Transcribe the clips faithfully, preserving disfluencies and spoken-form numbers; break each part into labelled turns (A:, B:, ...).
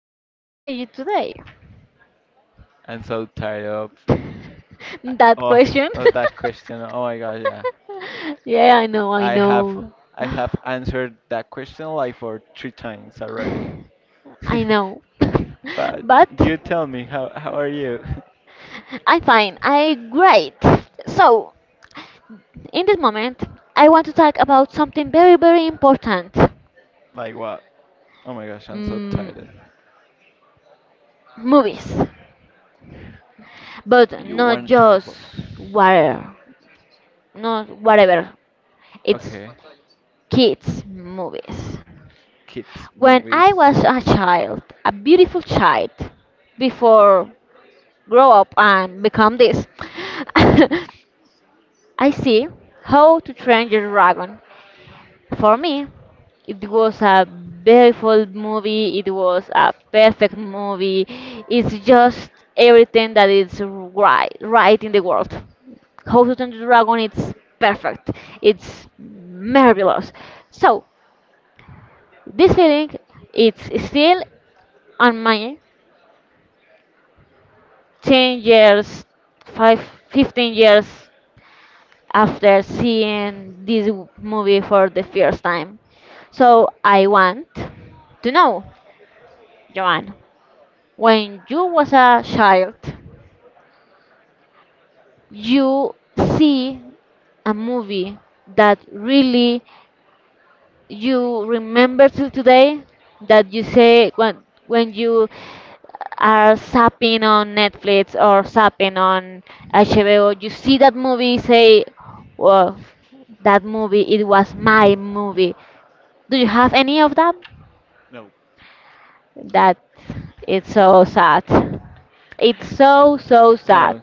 A: Joan. How are you today?
B: I'm so tired of
A: That
B: of
A: question.
B: of that question. Oh my gosh, yeah.
A: Yeah, I know, I
B: I have
A: know.
B: I have answered that question like for three times already.
A: I know.
B: But
A: But
B: you tell me how how are you?
A: I'm fine. I great. So, in this moment, I want to talk about something very, very important.
B: Like what? Oh my gosh, I'm so
A: Mm,
B: tired.
A: Movies.
B: Do
A: But
B: you
A: not
B: want to talk
A: just
B: about?
A: whatever. Not whatever. It's
B: Okay.
A: kids movies.
B: Kids
A: When
B: movies.
A: I was a child, a beautiful child, before grow up and become this, I see how to train your dragon. For me, it was a beautiful movie, it was a perfect movie, it's just everything that is right, right in the world. How to Train Your Dragon, it's perfect. It's marvelous. So this feeling, it's still on my. ten years, five, fifteen years after seeing this w- movie for the first time. So I want to know, Joanne, when you was a child, you see a movie that really you remember till today that you say when when you are zapping on Netflix or zapping on H B O, you see that movie, say, "Well, that movie it was my movie." Do you have any of that?
B: No.
A: That it's so sad. It's so so sad.
B: No.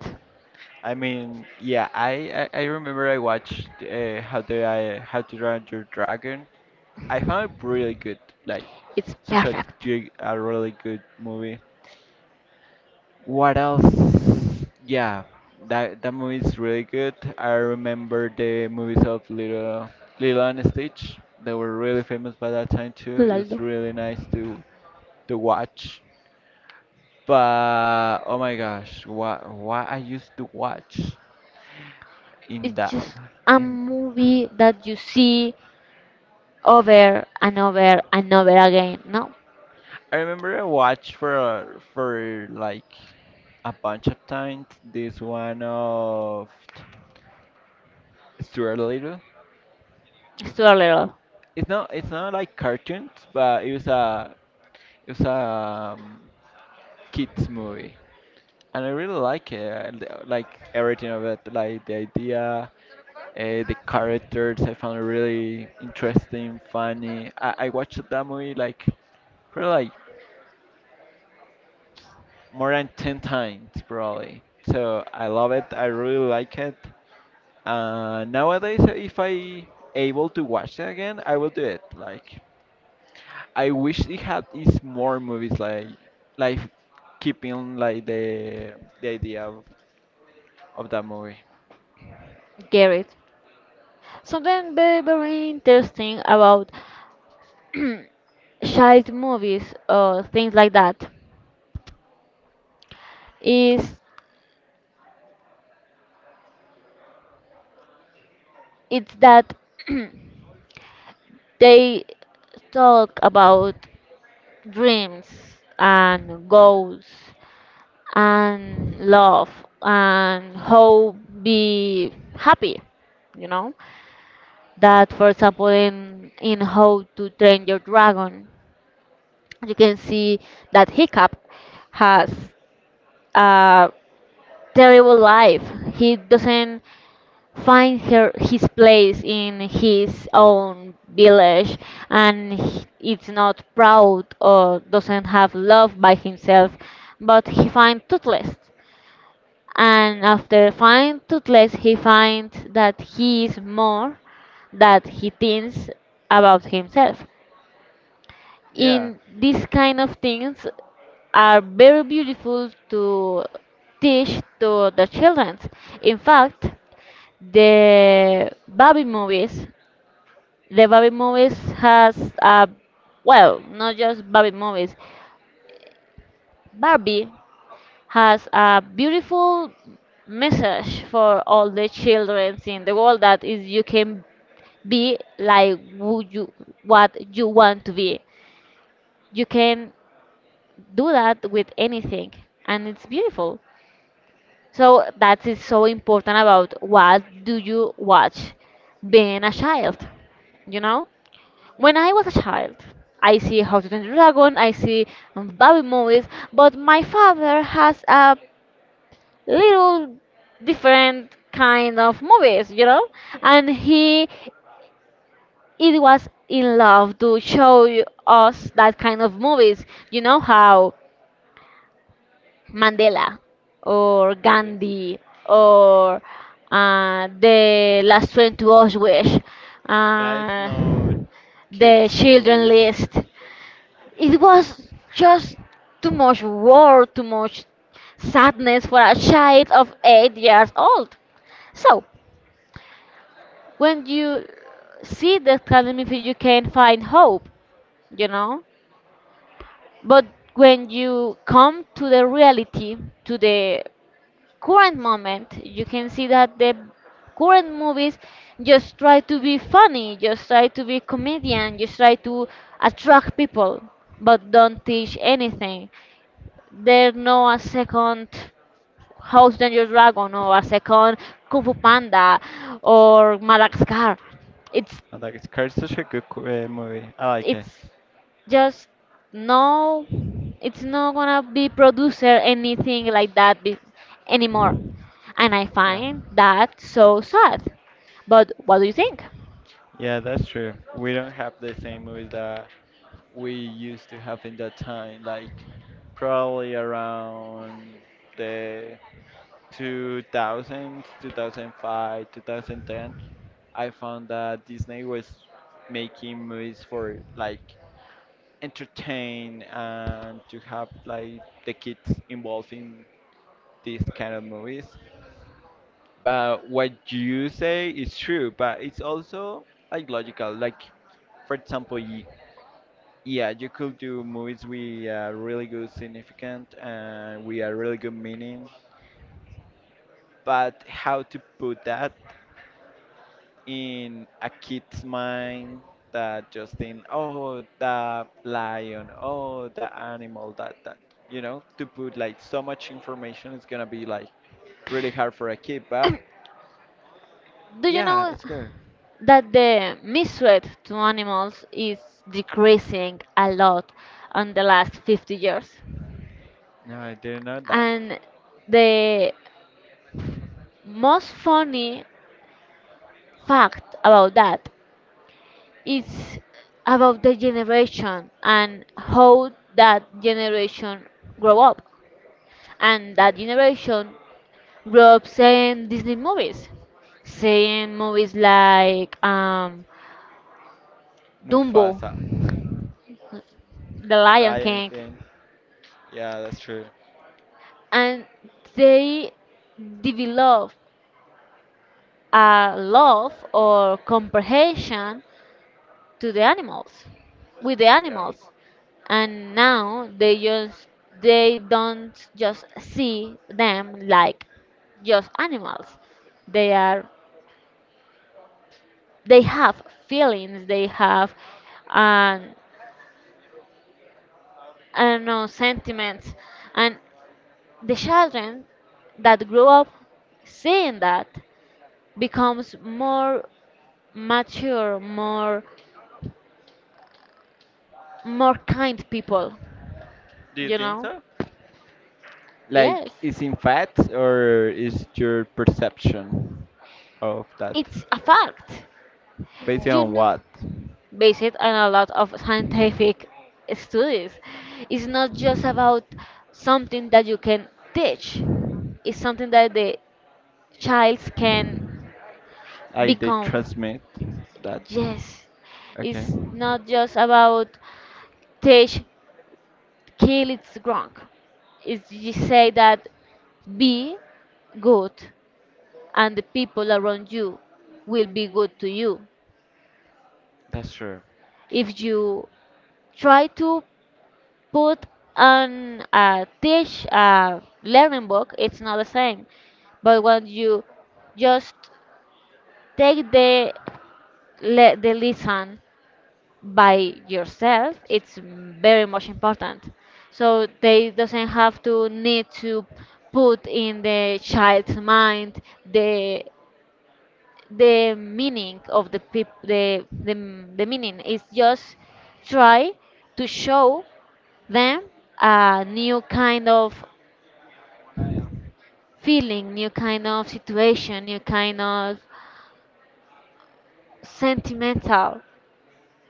B: I mean, yeah, I, I, I remember I watched uh, How to I How to Run Your Dragon. I found it really good, like
A: It's
B: such a
A: perfect.
B: ju- a really good movie. What else? Yeah, that that movie is really good. I remember the movies of Little Little and Stitch. They were really famous by that time too. It was
A: Laldo.
B: really nice to to watch. But oh my gosh, what what I used to watch in
A: It's
B: that
A: just a
B: in
A: movie that you see over and over and over again, no?
B: I remember I watched for uh, for like a bunch of times this one of Stuart Little.
A: Still a little.
B: It's not it's not like cartoons, but it was a it was a um, kids movie, and I really like it. I li- Like everything of it, like the idea, uh, the characters. I found it really interesting, funny. I, I watched that movie like. Probably like more than ten times probably. So I love it. I really like it. Uh, nowadays, if I able to watch it again, I will do it. Like I wish it had is more movies like like keeping like the the idea of, of that movie.
A: Get it. Something very, very interesting about child movies or things like that is it's that they talk about dreams and goals and love and how be happy you know that for example in in how to train your dragon. You can see that Hiccup has a terrible life. He doesn't find her his place in his own village and he- it's not proud or doesn't have love by himself but he finds toothless and after find toothless he finds that he is more that he thinks about himself
B: Yeah.
A: in these kind of things are very beautiful to teach to the children. In fact, the Barbie movies, the Barbie movies has a well, not just Barbie movies. Barbie has a beautiful message for all the children in the world that is you can be like who you what you want to be. You can do that with anything and it's beautiful so that is so important about what do you watch being a child you know when I was a child I see how to train your dragon, I see Barbie movies, but my father has a little different kind of movies you know and he it was in love to show you- us that kind of movies you know how Mandela or
B: Okay.
A: Gandhi or uh, the last train to Auschwitz,
B: That is
A: uh,
B: no
A: the
B: kids
A: children
B: movies.
A: list. It was just too much war, too much sadness for a child of eight years old. So when you see that kind of movie, you can find hope, you know. But when you come to the reality, to the current moment. You can see that the current movies just try to be funny, just try to be comedian, just try to attract people, but don't teach anything. There's no a second House Danger Dragon or a second Kung Fu Panda or Madagascar. It's
B: I like it's such a good co- uh, movie. I like it.
A: it's just no it's not gonna be producer anything like that be- anymore and I
B: Yeah.
A: find that so sad but what do you think
B: Yeah, that's true. We don't have the same movies that we used to have in that time, like probably around the two thousands, two thousand five, two thousand ten. I found that Disney was making movies for like entertain and to have like the kids involved in these kind of movies. But what you say is true, but it's also like logical. Like, for example, y- yeah, you could do movies with a really good significant and with a really good meaning, but how to put that in a kid's mind that just think, oh, the lion, oh, the animal, that, that, you know, to put like so much information is gonna be like really hard for a kid, but
A: do you
B: yeah,
A: know
B: it's good.
A: that the misread to animals is decreasing a lot on the last fifty years
B: No, I didn't know that.
A: and the most funny fact about that. It's about the generation and how that generation grow up. And
B: Um,
A: that generation grew up seeing Disney movies, seeing movies like um, Dumbo,
B: Mufasa,
A: The Lion
B: Lion
A: King,
B: King. Yeah, that's true.
A: and they develop a love or comprehension to the animals with the
B: Yeah.
A: animals and now they just they don't just see them like just animals they are they have feelings they have um, I don't know sentiments and the children that grow up seeing that becomes more mature more more kind people
B: Do you
A: you
B: think
A: know
B: so? Like,
A: yes
B: is in fact or is your perception of that?
A: it's a fact
B: Based
A: you
B: on
A: know,
B: what?
A: based on a lot of scientific studies. It's not just about something that you can teach, it's something that the child can
B: I did
A: become.
B: transmit that.
A: Yes,
B: Okay,
A: it's not just about teach, kill, it's wrong. It's you say that be good and the people around you will be good to you.
B: that's true.
A: If you try to put on a teach a learning book, it's not the same. But when you just take the le- the lesson by yourself, it's very much important. So they doesn't have to need to put in the child's mind the the meaning of the peop- the, the the meaning. It's just try to show them a new kind of feeling, new kind of situation, new kind of sentimental.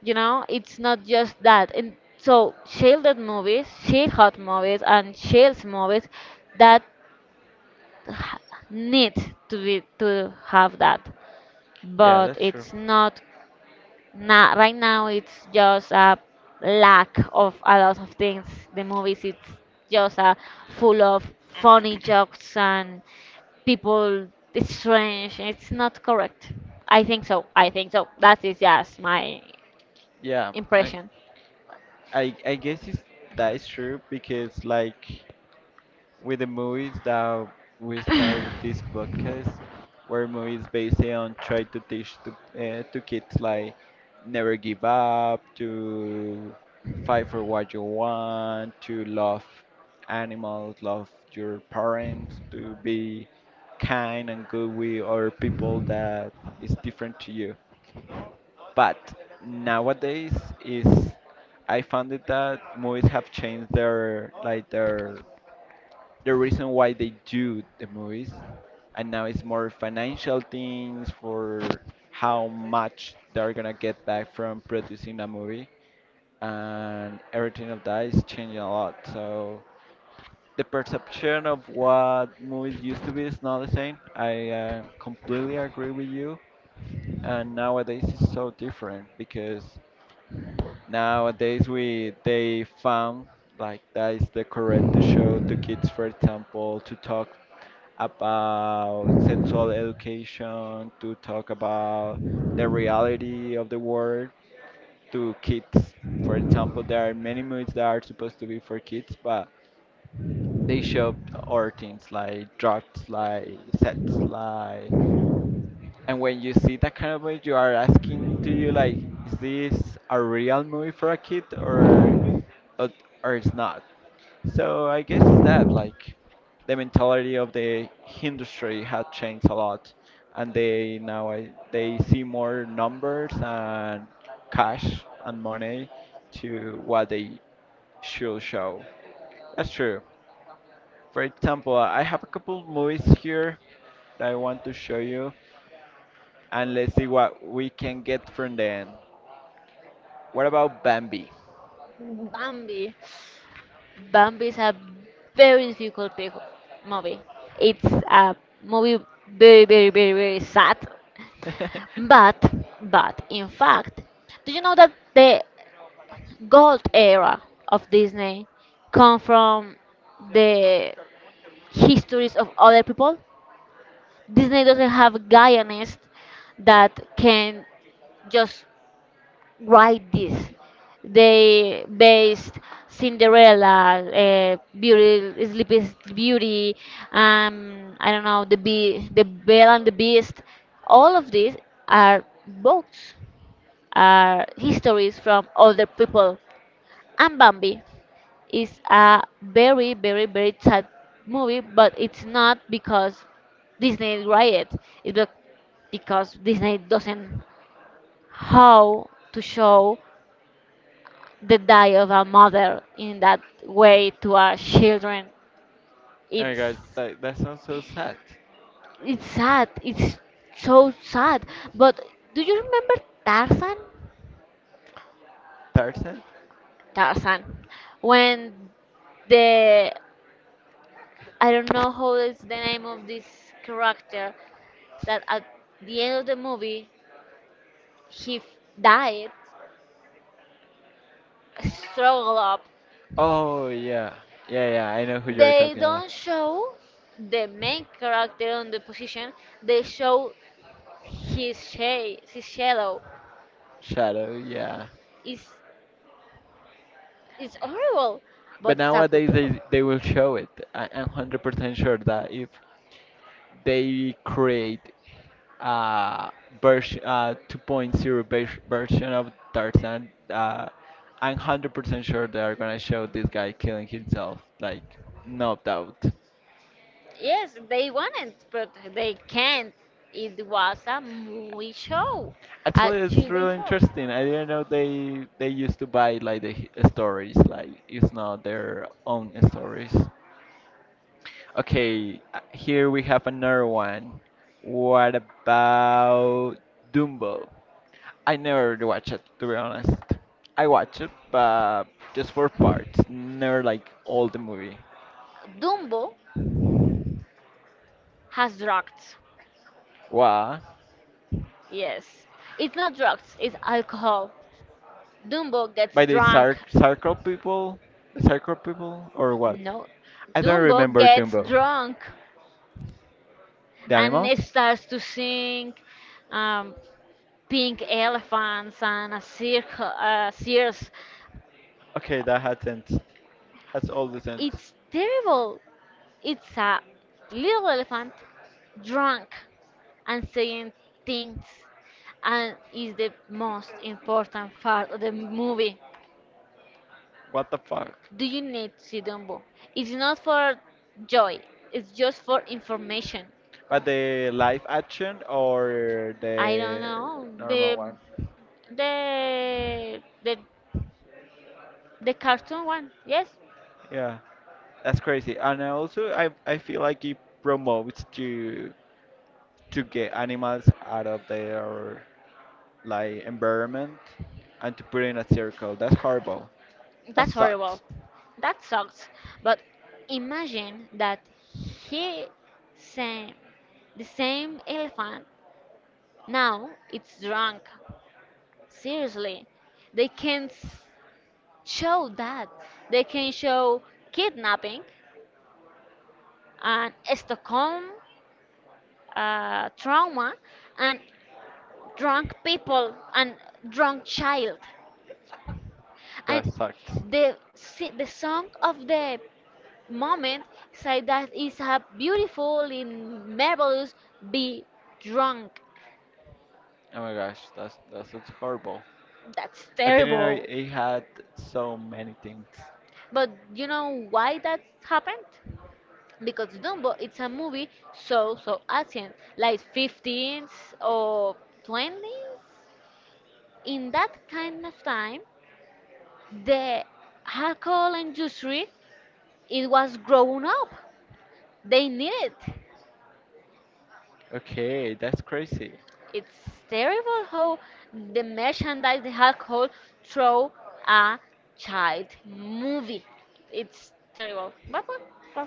A: You know, it's not just that. And so, shielded movies, shield hot movies, and shields movies that h- need to be to have that,
B: Yeah,
A: but
B: that's true.
A: it's not. Not right now. It's just a lack of a lot of things. The movies, it's just a full of funny jokes and people it's strange it's not correct I think so I think so that is just my
B: Yeah, I,
A: impression.
B: I, I guess it's, that is true because like with the movies that we start with this podcast, where movies based on try to teach to, uh, to kids like never give up, to fight for what you want, to love animals, love your parents, to be kind and good with other people that is different to you. But nowadays is I found it that movies have changed their like their the reason why they do the movies and now it's more financial things for how much they're gonna get back from producing a movie and everything of that is changing a lot, so the perception of what movies used to be is not the same. I uh, completely agree with you, and nowadays it's so different because nowadays, we they found like that is the correct to show to kids, for example, to talk about sexual education, to talk about the reality of the world to kids. For example, there are many movies that are supposed to be for kids, but they show other things like drugs, like sex, like and when you see that kind of movie, you are asking to you like, is this a real movie for a kid or or, or it's not? So I guess it's that like the mentality of the industry had changed a lot, and they now I- they see more numbers and cash and money to what they should show. That's true. For example, I have a couple movies here that I want to show you, and let's see what we can get from them. What about Bambi?
A: Bambi, bambi is a very difficult pic- movie. It's a movie very, very, very, very sad
B: Oh
A: but but in fact do you know that the gold era of Disney come from the histories of other people. Disney doesn't have a Guyanist that can just write this. They based Cinderella, uh, Beauty, Sleepy Beauty, um, I don't know, the Be the Belle and the Beast. All of these are books, are histories from other people, and Bambi is a very, very, very sad movie, but it's not because Disney write it. It's bec- because Disney doesn't how to show the die of a mother in that way to our children.
B: my gosh,
A: It's
B: that, that sounds so sad.
A: it's sad. It's so sad. But do you remember Tarzan?
B: Tarzan?
A: Tarzan, when the I don't know how is the name of this character, that at the end of the movie he f- died struggle up.
B: Oh, yeah. Yeah, yeah, I know who you're
A: They
B: talking about.
A: don't show the main character on the position, they show his shade his shadow
B: Shadow, yeah.
A: is it's horrible but
B: But
A: it's a good
B: nowadays
A: people.
B: they, they will show it. I, I'm one hundred percent sure that if they create a version, uh, 2.0 vers- version of Tarzan. Uh, I'm one hundred percent sure they are gonna show this guy killing himself, like no doubt.
A: Yes they wanted but they can't. It was a movie show, a
B: Actually, it's
A: children
B: really
A: show.
B: interesting. I didn't know they they used to buy like the h- stories, like it's not their own stories. Okay, uh, here we have another one. What about Dumbo? I never watched it, to be honest. I watched it, but just for parts, never like all the movie.
A: Dumbo has drugs.
B: What?
A: Yes it's not drugs it's alcohol. Dumbo gets
B: By the
A: drunk.
B: Sar Sarko people? The Sarko people? Or what?
A: No,
B: I don't
A: Dumbo
B: remember
A: gets
B: Dumbo.
A: drunk
B: The
A: and
B: animals?
A: it starts to sing um, pink elephants and a circle, uh, circus.
B: Okay, that happens. Has all the sense.
A: It's terrible. It's a little elephant drunk and saying things, and is the most important part of the movie.
B: What the fuck?
A: Do you need to see Dumbo? It's not for joy. It's just for information.
B: But the live action or
A: I don't
B: the
A: know
B: normal
A: the
B: one?
A: the the the cartoon one. Yes,
B: Yeah, that's crazy. And I also I I feel like it promotes to to get animals out of their like environment and to put it in a circle. That's horrible. That
A: that's horrible.
B: sucks.
A: That sucks. But imagine that he same the same elephant now it's drunk. Seriously, they can s- show that. They can show kidnapping and Stockholm uh, trauma and drunk people and drunk child. And
B: That sucks.
A: the si- the song of the moment say that it's a beautiful and marvelous be drunk.
B: Oh my gosh, that's that's, that's horrible.
A: That's
B: I didn't know it
A: terrible
B: it had so many things.
A: but you know why that happened, because Dumbo it's a movie so so ancient like fifteens or twenties. In that kind of time the alcohol industry it was growing up, they need it.
B: Okay, that's crazy.
A: It's terrible how the merchandise, the alcohol, throw a child movie. It's terrible. But well, well,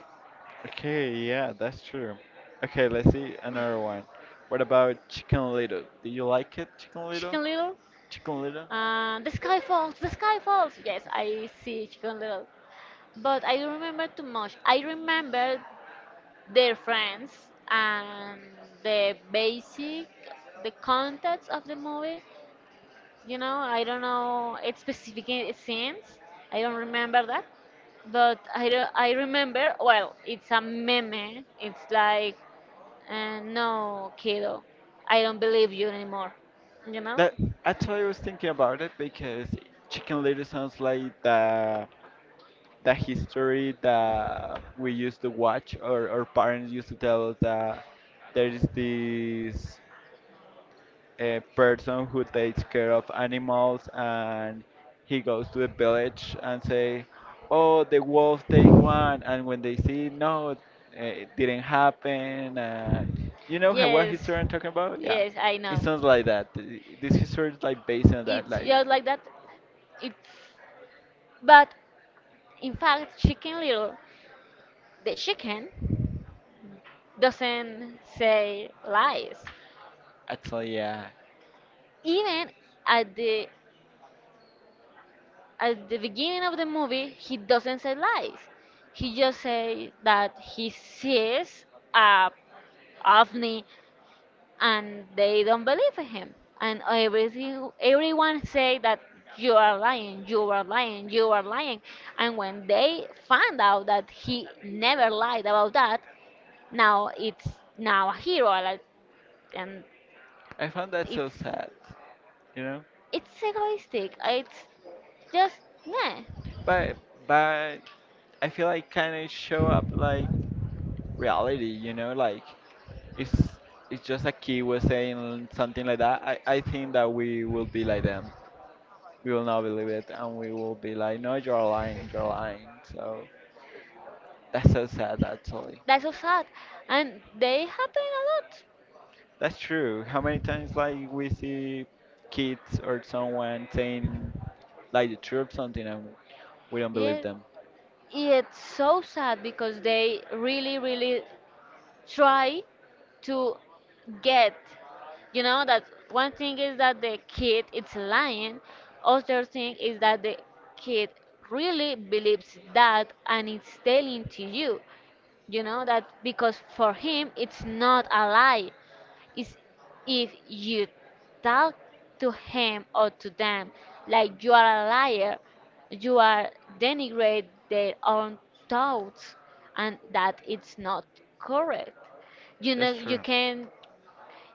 B: Okay, yeah, that's true. Okay, let's see another one. What about Chicken Little? Do you like it, Chicken Little?
A: Chicken Little,
B: Chicken Little?
A: uh, the sky falls, the sky falls. Yes, I see Chicken Little, but I don't remember too much. I remember their friends and the basic, the context of the movie. You know, I don't know its specific i- scenes. I don't remember that, but I re- I remember. Well, it's a meme. It's like, uh, no, kiddo, I don't believe you anymore. You know?
B: That actually I was thinking about it because Chicken Little sounds like the the history that we used to watch or our parents used to tell us that there is this a person who takes care of animals, and he goes to the village and say, oh, the wolf take one, and when they see no, uh, it didn't happen, and you know how, what
A: Yes,
B: history I'm talking about? Yeah,
A: yes, I
B: it
A: know.
B: sounds like that. Th- this history is like based on that,
A: It's
B: like
A: just like that. It's but in fact, Chicken Little, the chicken, doesn't say lies.
B: actually yeah.
A: Even at the at the beginning of the movie he doesn't say lies. He just says that he sees a ovni and they don't believe him and everything everyone say that you are lying, you are lying, you are lying, and when they found out that he never lied about that now it's now a hero like, and
B: I found that so
A: it's
B: sad, you know.
A: it's egoistic it's just nah.
B: But but I feel like kind of show up like reality, you know, like it's it's just a kid was saying something like that. I, I think that we will be like them. We will not believe it, and we will be like, no, you're lying, you're lying. So that's so sad, actually.
A: That's so sad. And they happen a lot.
B: That's true. How many times like we see kids or someone saying like the truth something, and we don't believe
A: Yeah.
B: them.
A: Yeah, it's so sad because they really, really try to get. You know, that one thing is that the kid is lying. Other thing is that the kid really believes that and it's telling to you. You know, that because for him it's not a lie. Is, if you talk to him or to them like you are a liar, you are denigrate their own thoughts, and that it's not correct. You know,
B: That's
A: you
B: true.
A: can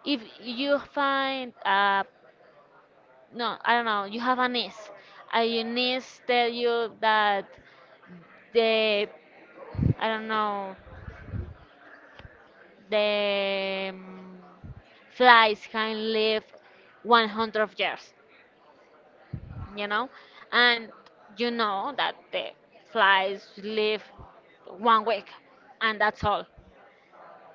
A: if you find uh no, I don't know, you have a niece, and your niece tell you that the I don't know the um, flies can live one hundred years you know and you know that the flies live one week and that's all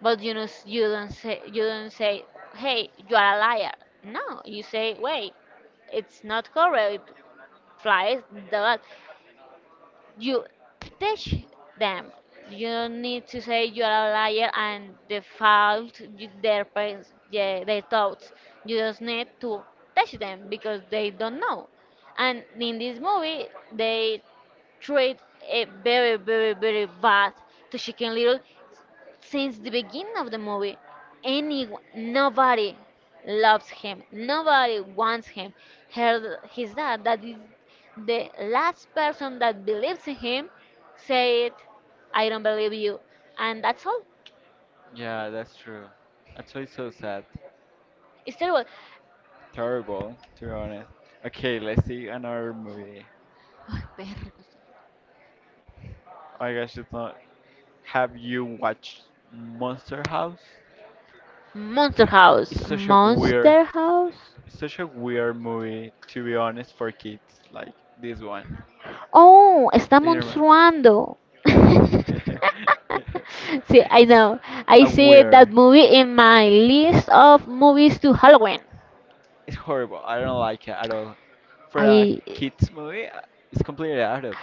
A: but you know s- you don't say you don't say hey you are a liar, no you say wait it's not correct flies do that. You teach them. You don't need to say you're a liar and default you- their pres- yeah, their thoughts. You just need to teach them because they don't know. And in this movie, they treat it very, very, very bad to Chicken Little since the beginning of the movie, any nobody loves him. Nobody wants him. Her, his dad, that is the last person that believes in him, said, "I don't believe you," and that's all.
B: Yeah, that's true. Actually, so sad.
A: It's terrible.
B: Terrible, to be honest. Okay, let's see another movie.
A: Ay, perros.
B: Oh my gosh, it's not. Have you watched Monster House?
A: Monster House.
B: It's such a weird,
A: Monster House.
B: it's such a weird movie to be honest for kids like this one.
A: Oh, está
B: Do you remember?
A: monstruando. See, I
B: It's
A: know. I
B: a
A: see that
B: weird.
A: movie in my list of movies to Halloween.
B: It's horrible. I don't like it at all. For a
A: I it,
B: kids movie, uh, it's completely out of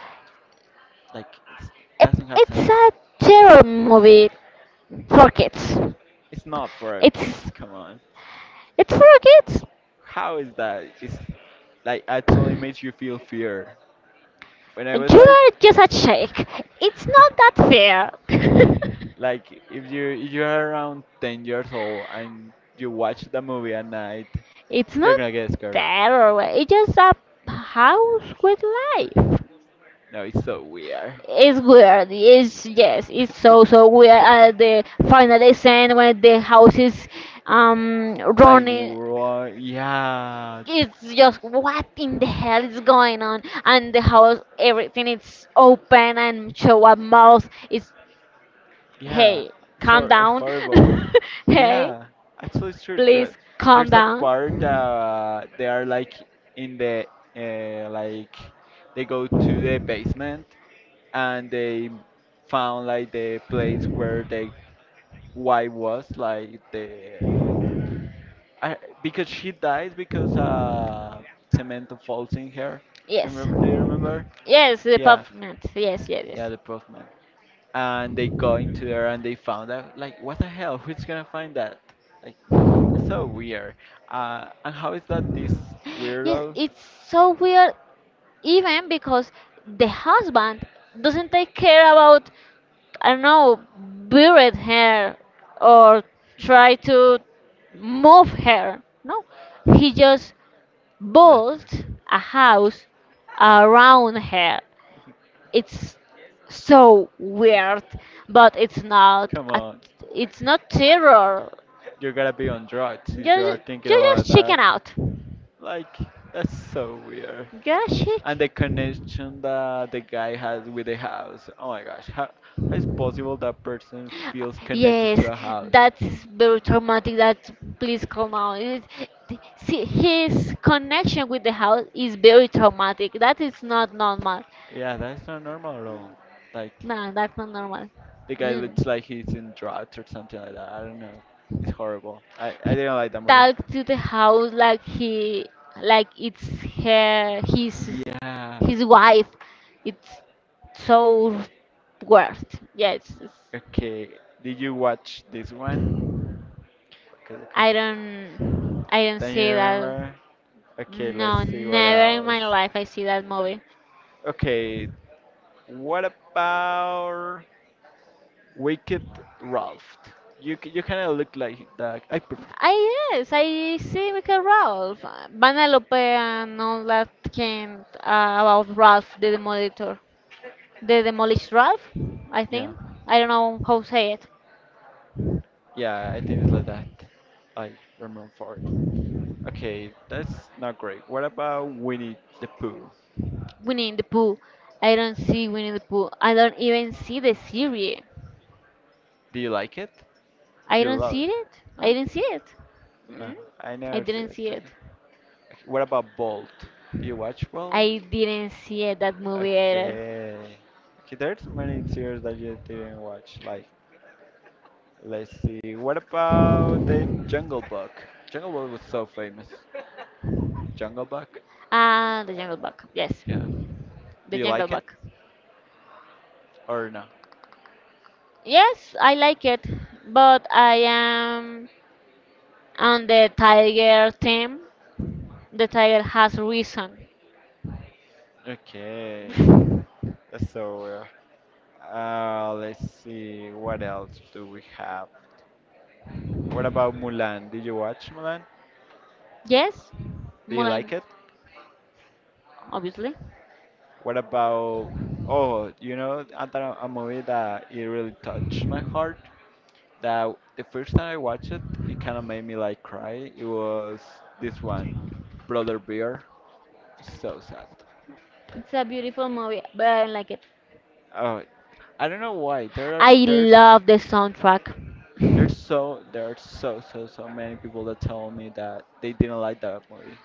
B: like it's, it doesn't have
A: it's
B: sense.
A: a terror movie for kids.
B: It's not for our
A: It's
B: kids. Come on.
A: it's for kids.
B: How is that? It's like actually makes you feel fear. When I was
A: You
B: like
A: are just a shake. It's not that fair.
B: like if you if you're around ten years old and you watch the movie at night,
A: It's
B: you're
A: not
B: gonna get scared.
A: terror. It's just a house with life.
B: No, it's so weird.
A: It's weird. It's yes. It's so so weird. At the final scene when the house is um
B: Like
A: running,
B: what? Yeah.
A: it's just what in the hell is going on, and the house, everything is open and show a mouth. It's,
B: Yeah,
A: hey,
B: so
A: calm
B: uh,
A: down.
B: horrible.
A: Hey,
B: Yeah, actually, it's true. There-
A: please, calm
B: There's a
A: down.
B: part that they are like in the uh, like they go to the basement, and they found like the place where the wife was like the I, because she dies because uh cement falls in her.
A: Yes,
B: Remember? Do you remember?
A: yes, the
B: Yeah,
A: apartment. Yes, yes,
B: yeah,
A: yes,
B: the postman, and they go into there and they found out like what the hell. Who's gonna find that? Like, that's so weird. Uh, and how is that this
A: yes,
B: weirdo
A: it's so weird, even because the husband doesn't take care about, I don't know, buried her or try to move her. No, he just
B: left here?
A: built a house around her. It's so weird, but it's not
B: Come
A: a,
B: on,
A: it's not terror.
B: you're gonna be on drugs if you are
A: Just
B: thinking
A: you just
B: about that.
A: chicken out.
B: Like, that's so weird.
A: Just
B: And the
A: chick.
B: connection that the guy has with the house. Oh my gosh, how, how is possible that person feels connected to
A: Yes,
B: a house?
A: that's very traumatic. That, please come out. It, see, his connection with the house is very traumatic. That is not normal.
B: Yeah, that's not normal at all. Like,
A: No, that's not normal.
B: the guy
A: Mm.
B: looks like he's in drugs or something like that. I don't know. It's horrible. I, I
A: He
B: didn't like that movie.
A: talked to the house like he, like it's her, his,
B: Yeah.
A: his wife. It's so worst. Yes, it's—
B: Okay. Did you watch this one? Okay, okay.
A: I don't, I don't
B: Then you
A: see that.
B: remember? Okay, let's
A: No,
B: see what
A: never in
B: else.
A: my life I see that movie.
B: Okay, what about Wicked Ralph? You c- you kind of look like that. I prefer.
A: I yes, I see Michael Ralph, Vanellope, and all that came uh, about Ralph the Demolitor, the Demolished Ralph, I
B: Yeah.
A: think. I don't know how to say it.
B: Yeah, I think it's like that. I remember for it. Okay, that's not great. What about Winnie the Pooh?
A: Winnie the Pooh. I don't see Winnie the Pooh. I don't even see the series.
B: Do you like it?
A: I
B: Do you
A: don't
B: love
A: see
B: it?
A: it. I
B: No?
A: didn't see it.
B: No,
A: Mm,
B: I
A: I
B: never see
A: didn't see
B: it.
A: it.
B: Uh. What about Bolt? Do you watch Bolt?
A: I didn't see it, that movie either.
B: Okay. Okay, there's many series that you didn't watch. Like, let's see. What about the Jungle Book? Jungle Book was so famous. Jungle Book?
A: Ah, The Jungle Book. Yes.
B: Yeah.
A: The
B: Do you
A: Jungle
B: like it
A: Book.
B: or no?
A: Yes, I like it, but I am on the tiger team. The tiger has reason.
B: Okay. That's so weird. Uh, let's see, what else do we have? What about Mulan? Did you watch Mulan?
A: Yes,
B: Do you like
A: Mulan,
B: it?
A: obviously.
B: What about, oh, you know, another a movie that it really touched my heart. That the first time I watched it, it kind of made me like cry. It was this one, Brother Bear. So sad.
A: It's a beautiful movie, but I don't like it.
B: Oh, I don't know why. There are
A: I
B: there's
A: love the soundtrack.
B: there's so there's so so so many people that tell me that they didn't like that movie.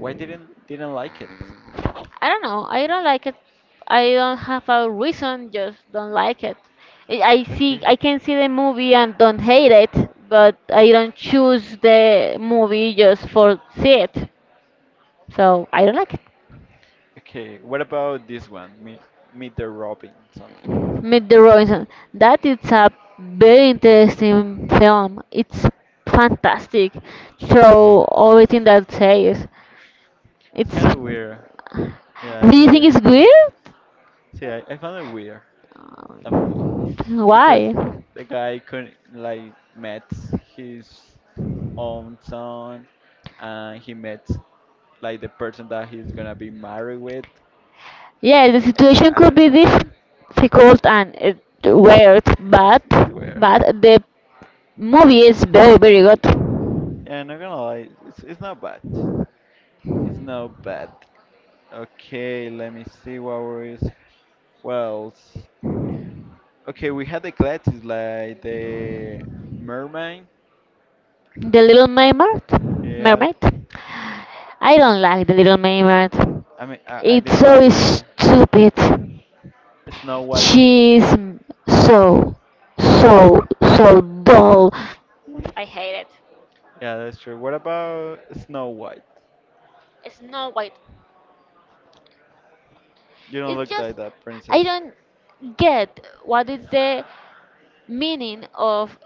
B: Why didn't didn't like it?
A: I don't know. I don't like it. I don't have a reason. Just don't like it. I I see.
B: Okay.
A: I can see the movie and don't hate it, but I don't choose the movie just for see it. So I don't like it.
B: Okay. What about this one? Meet Meet the Robinson.
A: Meet the Robinson. That is a very interesting film. It's fantastic. So everything that says,
B: It's
A: it's.
B: kind of weird. Yeah.
A: Do you
B: It's
A: think it's good?
B: see, I, I found it weird that movie
A: Um,
B: because
A: why?
B: the guy couldn't like met his own son, and he met like the person that he's gonna be married with.
A: Yeah, the
B: Yeah,
A: situation
B: I
A: could
B: don't
A: be
B: know.
A: difficult and it weird, but
B: This is weird.
A: but the movie is very very good.
B: Yeah, not gonna lie. It's, it's not bad. It's not bad. Okay, let me see what was well. s- Okay, we had the Gladys, like the mermaid.
A: The Little Mermaid,
B: Yeah,
A: Mermaid. I don't like the Little Mermaid.
B: I mean I, I
A: It's
B: didn't like
A: so
B: either.
A: stupid.
B: Snow White.
A: She's so so so dull. I hate it.
B: Yeah, that's true. What about Snow White?
A: It's Snow White.
B: You don't
A: It's
B: look
A: just
B: like that
A: I
B: princess.
A: don't get what is the meaning of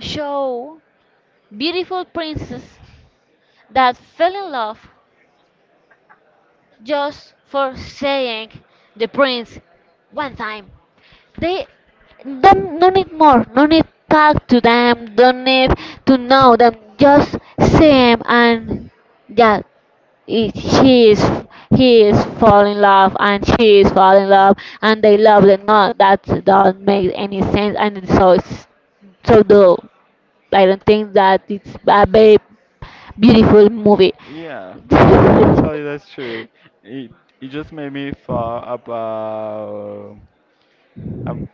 A: show beautiful princess that fell in love just for saying the prince one time. They don't, do need more, no need talk to them, don't need to know them, just see 'em and yeah, it— she is he is fall in love and she is fall in love and they love the not that doesn't make any sense and it's so it's so dull. I don't think that it's a very beautiful movie.
B: Yeah, actually that's true. It it just made me thought about about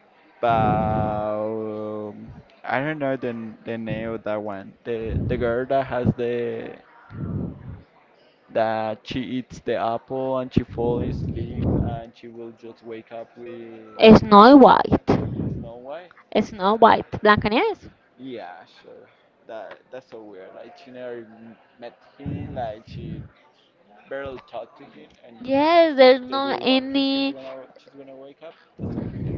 B: um, I don't know the the name of that one. The the girl that has the that she eats the apple and she falls in sleep and she will just wake up with
A: Snow White.
B: Snow White.
A: Snow White, black. Yes,
B: Yeah, sure. That that's so weird. Like she never m- met him. Like she barely talked to him, and
A: yes, there's
B: just
A: no
B: with one kiss, he's
A: any.
B: gonna she's gonna wake up. That's so weird.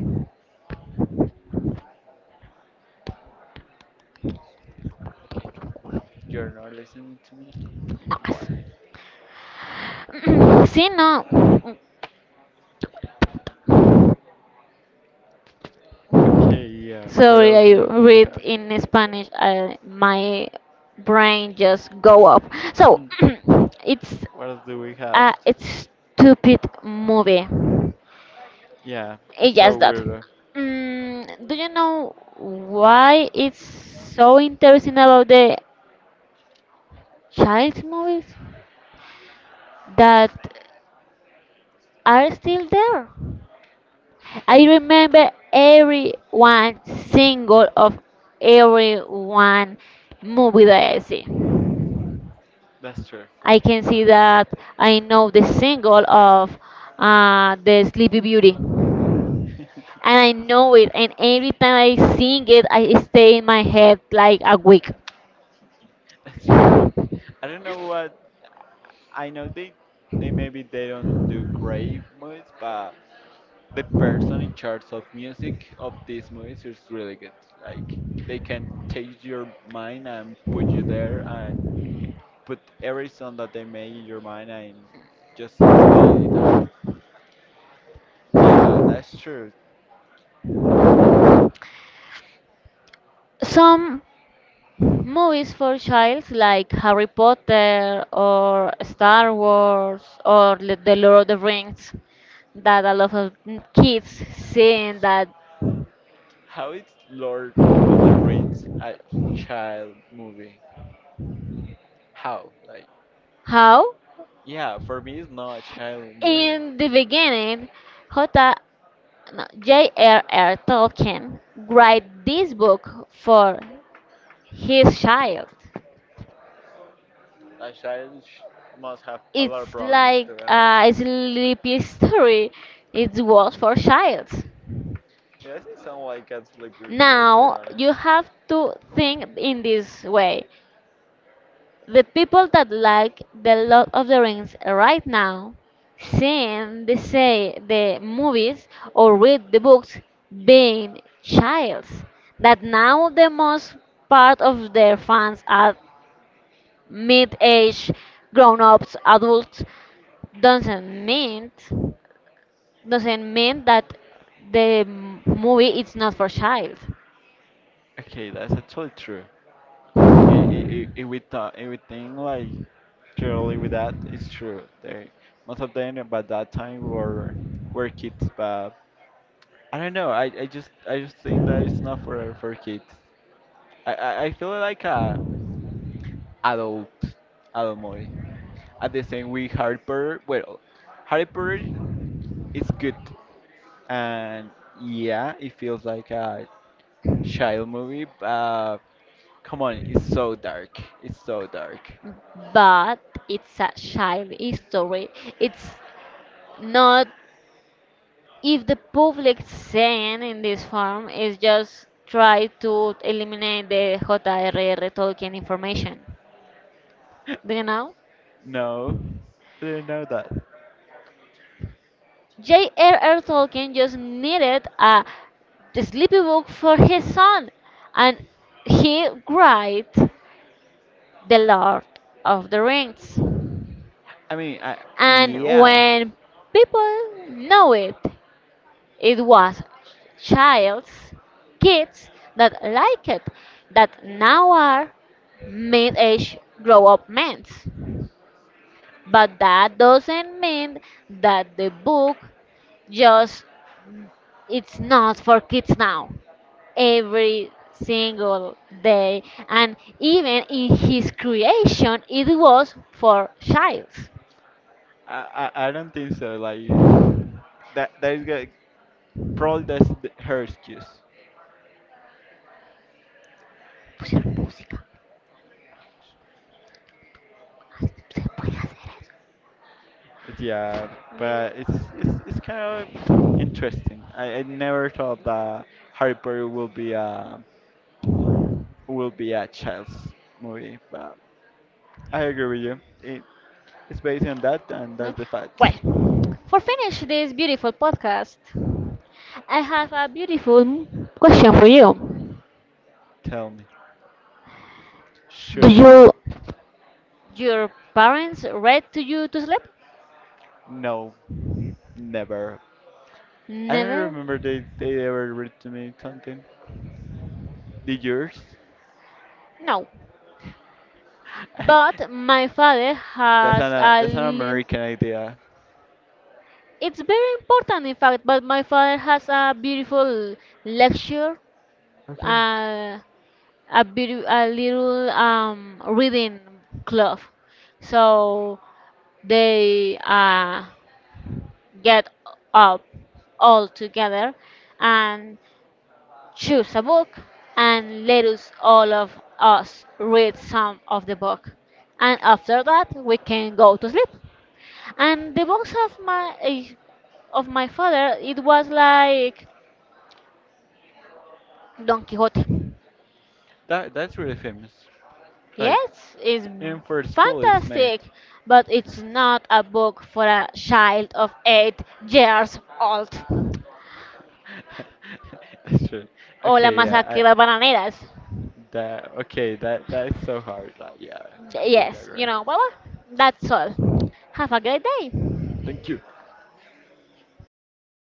B: Okay, you're not listening to me.
A: Nokas.
B: Why?
A: Sí, no.
B: Yeah. Okay. Yeah. What
A: Sorry,
B: else
A: I
B: do we
A: read
B: have?
A: in Spanish. I, my brain just go off. So
B: Hmm.
A: it's
B: What else do we have?
A: a stupid movie.
B: Yeah,
A: It's
B: it's
A: just
B: so
A: that.
B: weird.
A: Mm, do you know why it's so interesting about the child movies that are still there? I remember every one single of every one movie that I see.
B: That's true.
A: I can see that I know the single of uh, the Sleepy Beauty, and I know it. And every time I sing it, I stay in my head like a week.
B: That's true. I don't know what I know they they maybe they don't do great movies, but the person in charge of music of these movies is really good. Like they can take your mind and put you there and put every song that they make in your mind and just stay there. Yeah, that's true.
A: Some movies for childs like Harry Potter or Star Wars or Le- The Lord of the Rings that a lot of n- kids seeing that
B: How is Lord of the Rings a child movie? How? Like
A: how
B: yeah, for me, it's not a child movie.
A: in the beginning J no, J R R. Tolkien write this book for his child.
B: A child sh- must have a lot of
A: It's
B: problems, to be
A: like a
B: honest.
A: sleepy story. It was for childs.
B: Yeah, it doesn't sound like a sleepy movie, to be
A: Now
B: honest.
A: you have to think in this way. The people that like the Lord of the Rings right now, seeing the say the movies or read the books being childs, that now the most part of their fans are mid-age grown-ups, adults, doesn't mean doesn't mean that the movie is not for child.
B: Okay, that's actually true. I- i- i- If we thought, if we think like clearly with that, it's true. They most of them about that time were were kids, but I don't know. I, I just I just think that it's not for for kids. I, I, I feel like a adult adult movie. At the same with Harry Potter, well, Harry Potter is good, and yeah, it feels like a child movie. But come on, it's so dark. It's so dark.
A: But it's a child history. It's not, if the public saying in this form is just try to eliminate the J R R. Tolkien information. Do you know?
B: No, I didn't know that.
A: J R R. Tolkien just needed a sleepy book for his son, and he wrote the Lord of the Rings.
B: I mean, I
A: And
B: yeah,
A: when people know it, it was child's kids that liked it that now are mid-age grown-up men. But that doesn't mean that the book just it's not for kids now. Every single day and even in his creation it was for childs.
B: I I, I don't think so. Like that that is good. Probably that's the, her excuse.
A: Pusieron música. Se puede hacer eso.
B: Yeah,
A: Mira.
B: but it's it's it's kind of interesting. I, I never thought that Harry Potter will be a will be a child's movie, but I agree with you. It it's based on that, and that's the fact.
A: Well, for finish this beautiful podcast, I have a beautiful question for you.
B: Tell me,
A: Do
B: should it?
A: you your parents read to you to sleep?
B: No, never. I don't
A: Never.
B: remember they they ever read to me something. Did yours?
A: No. But my father
B: That's an
A: has
B: uh,
A: a
B: that's an
A: little.
B: American idea.
A: It's very important, in fact. But my father has a beautiful lecture,
B: Okay.
A: uh, a beauti- a little um reading club. So they uh get up all together and choose a book and let us all of us read some of the book, and after that we can go to sleep. And the books of my eh, of my father it was like Don Quixote.
B: That that's really famous. Like.
A: Yes, it's
B: And for school is made.
A: fantastic, but it's not a book for a child of eight years old.
B: That's true.
A: O la
B: Okay, yeah,
A: masacre de
B: I
A: las bananeras.
B: that okay, that that is so hard. Like, yeah, completely
A: Yes,
B: agree.
A: you know, voila. That's all. Have a great day.
B: Thank you.